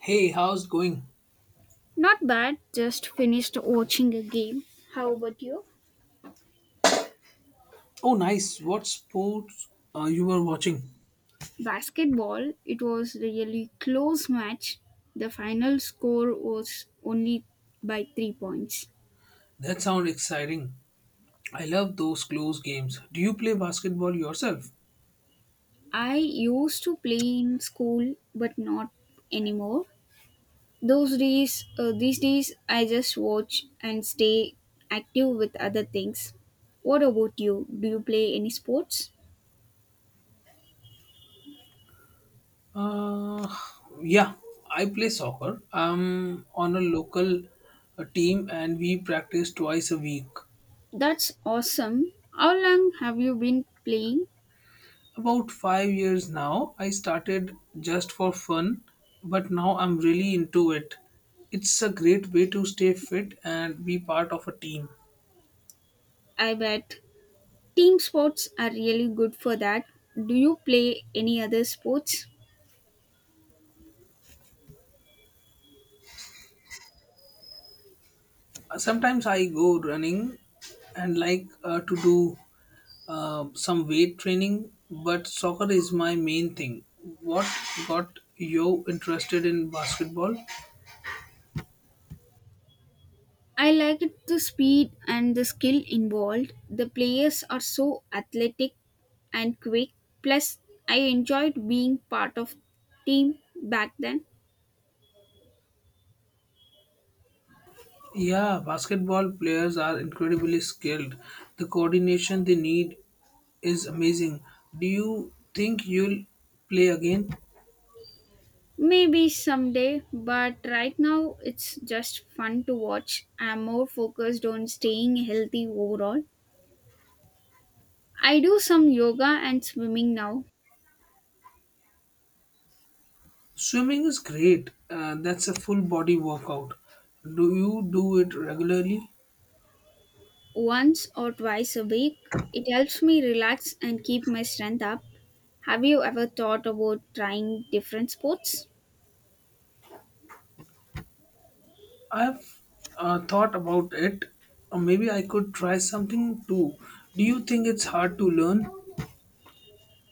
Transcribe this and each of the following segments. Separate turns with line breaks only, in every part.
Hey, how's it going?
Not bad, just finished watching a game. How about you?
Oh, nice. What sports you were watching?
Basketball, it was really close match. The final score was only by 3 points.
That sounds exciting. I love those close games. Do you play basketball yourself?
I used to play in school but not anymore. These days I just watch and stay active with other things. What about you? Do you play any sports?
Uh, yeah, I play soccer. I'm on a local team and we practice twice a week.
That's awesome. How long have you been playing?
About 5 years now, I started just for fun, but now I'm really into it. It's a great way to stay fit and be part of a team.
I bet team sports are really good for that. Do you play any other sports?
Sometimes I go running and like to do some weight training, but soccer is my main thing. What got you interested in basketball?
I liked the speed and the skill involved. The players are so athletic and quick. Plus, I enjoyed being part of team back then.
Yeah, basketball players are incredibly skilled. The coordination they need is amazing. Do you think you'll play again?
Maybe someday, but right now it's just fun to watch. I'm more focused on staying healthy overall. I do some yoga and swimming now,
Swimming is great, that's a full body workout. Do you do it regularly?
once or twice a week. It helps me relax and keep my strength up. Have you ever thought about trying different sports?
I've thought about it. Maybe I could try something too. Do you think it's hard to learn?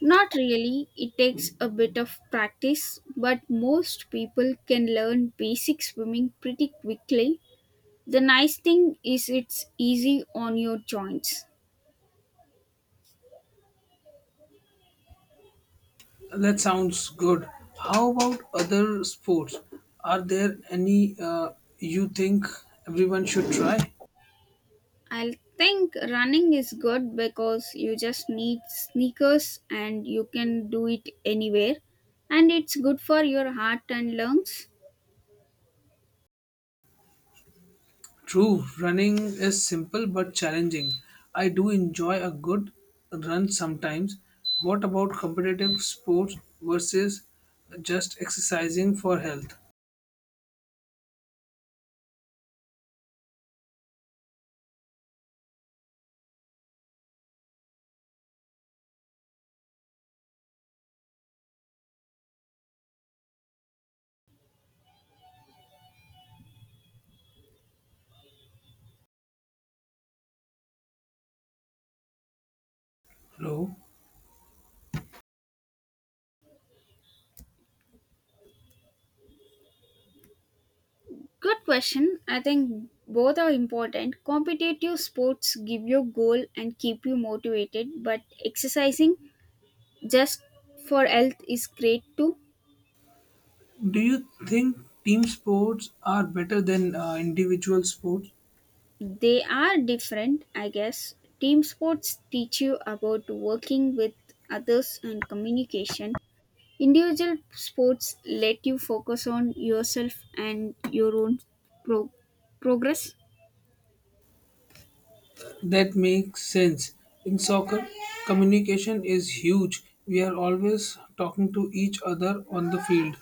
Not really. It takes a bit of practice, but most people can learn basic swimming pretty quickly. The nice thing is it's easy on your joints.
That sounds good. How about other sports? Are there any you think everyone should try?
I think running is good because you just need sneakers and you can do it anywhere, and it's good for your heart and lungs.
True, running is simple but challenging. I do enjoy a good run sometimes. What about competitive sports versus just exercising for health? Hello?
Good question. I think both are important. Competitive sports give you goal and keep you motivated, but exercising just for health is great too.
Do you think team sports are better than individual sports?
They are different, I guess. Team sports teach you about working with others and communication. Individual sports let you focus on yourself and your own pro- progress.
That makes sense. In soccer, communication is huge. We are always talking to each other on the field,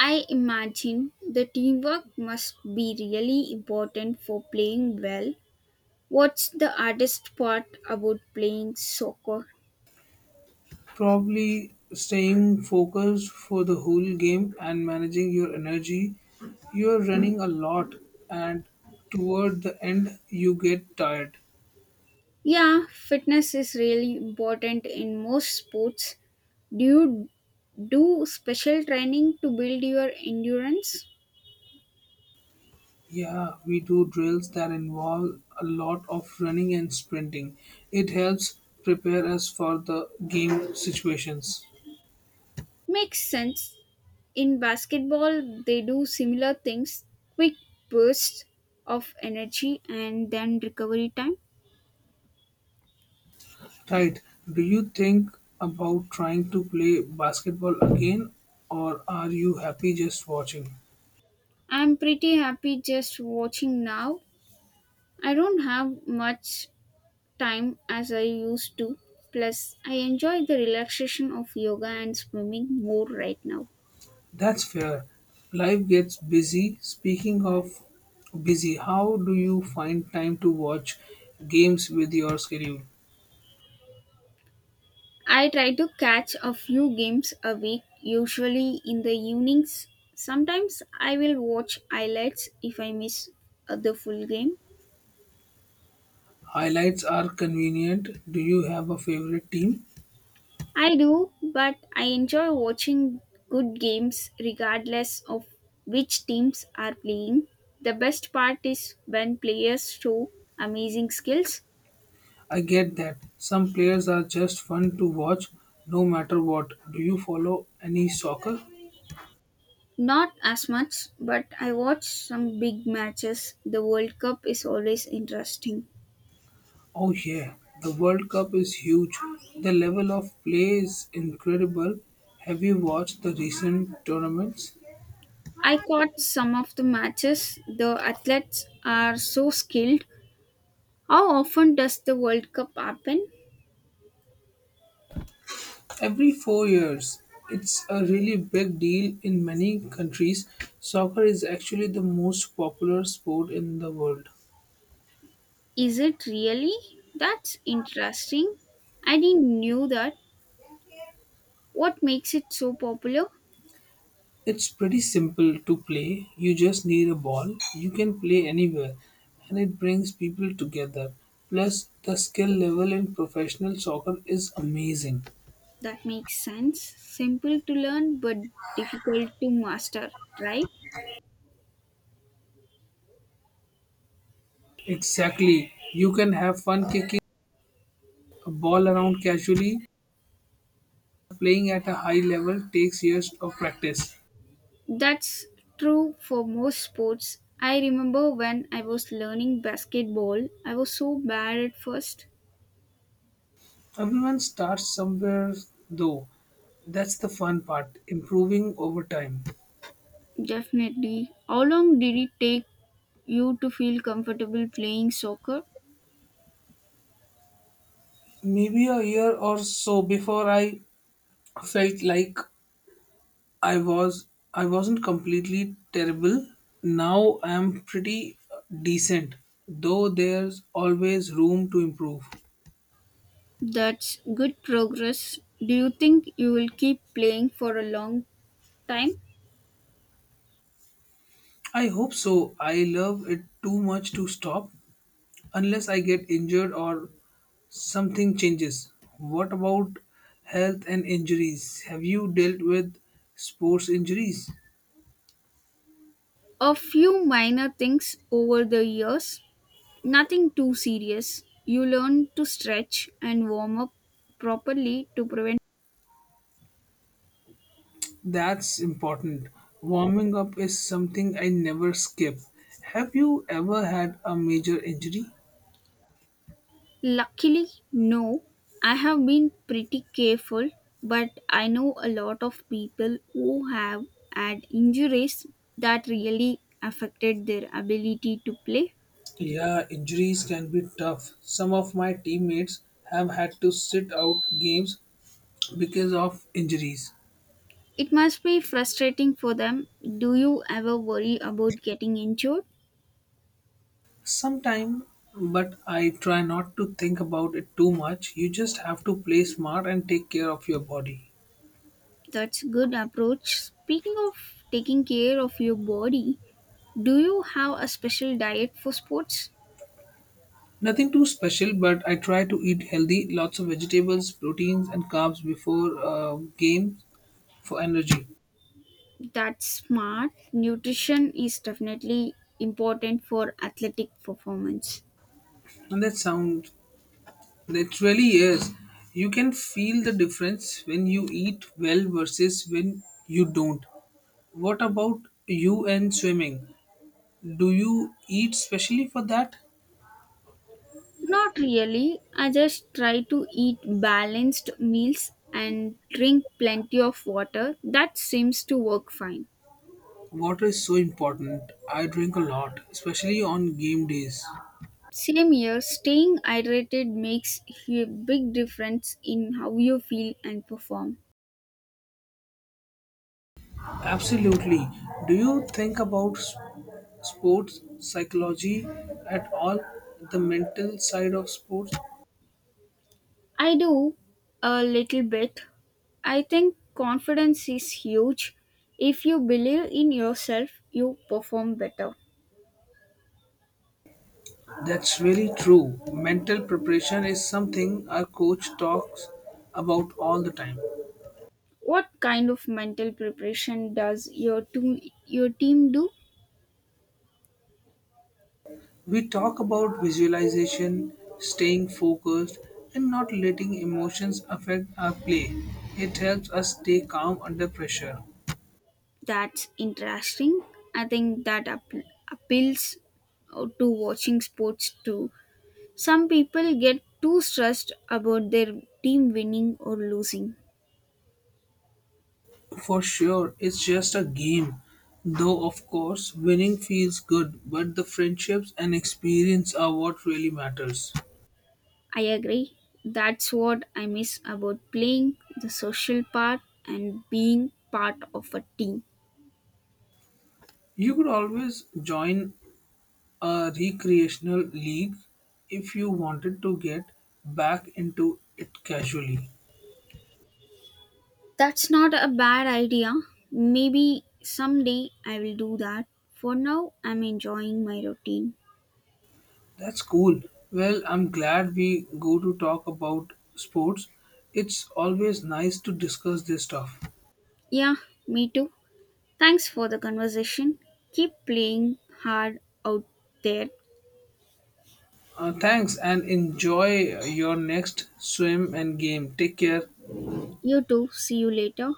I imagine the teamwork must be really important for playing well. What's the hardest part about playing soccer?
probably staying focused for the whole game and managing your energy. You are running a lot, and toward the end, you get tired.
Yeah, fitness is really important in most sports. Do you do special training to build your endurance?
Yeah, we do drills that involve a lot of running and sprinting. It helps prepare us for the game situations.
Makes sense. In basketball, they do similar things, quick bursts of energy and then recovery time.
Right. Do you think about trying to play basketball again, or are you happy just watching?
I'm pretty happy just watching now. I don't have much time as I used to. Plus, I enjoy the relaxation of yoga and swimming more right now.
That's fair. Life gets busy. Speaking of busy, how do you find time to watch games with your schedule?
I try to catch a few games a week, usually in the evenings. Sometimes I will watch highlights if I miss the full game.
Highlights are convenient. Do you have a favorite team?
I do, but I enjoy watching good games regardless of which teams are playing. The best part is when players show amazing skills.
I get that. Some players are just fun to watch no matter what. Do you follow any soccer?
Not as much, but I watch some big matches. The World Cup is always interesting.
Oh, yeah. The World Cup is huge. The level of play is incredible. Have you watched the recent tournaments?
I caught some of the matches. The athletes are so skilled. How often does the World Cup happen?
Every 4 years, it's a really big deal in many countries. Soccer is actually the most popular sport in the world.
Is it really? That's interesting. I didn't knew that. What makes it so popular?
It's pretty simple to play. You just need a ball. You can play anywhere, and it brings people together. Plus, the skill level in professional soccer is amazing.
That makes sense. Simple to learn but difficult to master, right?
Exactly. You can have fun kicking a ball around casually. Playing at a high level takes years of practice.
That's true for most sports. I remember when I was learning basketball, I was so bad at first.
Everyone starts somewhere, though. That's the fun part, improving over time.
Definitely. How long did it take you to feel comfortable playing soccer?
Maybe a year or so before I felt like I was I wasn't completely terrible. Now I am pretty decent, though there's always room to improve.
That's good progress. Do you think you will keep playing for a long time?
I hope so. I love it too much to stop unless I get injured or something changes. What about health and injuries? Have you dealt with sports injuries?
A few minor things over the years. Nothing too serious. You learn to stretch and warm up properly to prevent.
That's important. Warming up is something I never skip. Have you ever had a major injury?
Luckily, no. I have been pretty careful, but I know a lot of people who have had injuries that really affected their ability to play.
Yeah, injuries can be tough. Some of my teammates have had to sit out games because of injuries.
It must be frustrating for them. Do you ever worry about getting injured?
Sometime, but I try not to think about it too much. You just have to play smart and take care of your body.
That's good approach. Speaking of taking care of your body, do you have a special diet for sports?
Nothing too special, but I try to eat healthy, lots of vegetables, proteins, and carbs before game for energy.
That's smart. Nutrition is definitely important for athletic performance.
And that sound, that really is. You can feel the difference when you eat well versus when you don't. What about you and swimming? Do you eat specially for that?
Not really. I just try to eat balanced meals and drink plenty of water. That seems to work fine.
Water is so important. I drink a lot, especially on game days.
Same here, staying hydrated makes a big difference in how you feel and perform.
Absolutely. Do you think about sports psychology at all? The mental side of sports?
I do a little bit. I think confidence is huge. If you believe in yourself, you perform better.
That's really true. Mental preparation is something our coach talks about all the time.
What kind of mental preparation does your team do?
We talk about visualization, staying focused, and not letting emotions affect our play. It helps us stay calm under pressure.
That's interesting. I think that appeals to watching sports too. Some people get too stressed about their team winning or losing.
For sure, it's just a game. Though, of course, winning feels good, but the friendships and experience are what really matters.
I agree. That's what I miss about playing, the social part and being part of a team.
You could always join a recreational league if you wanted to get back into it casually.
That's not a bad idea. Maybe someday I will do that. For now, I'm enjoying my routine.
That's cool. Well, I'm glad we go to talk about sports. It's always nice to discuss this stuff.
Yeah, me too. Thanks for the conversation. Keep playing hard out there.
Thanks, and enjoy your next swim and game. Take care.
You too. See you later.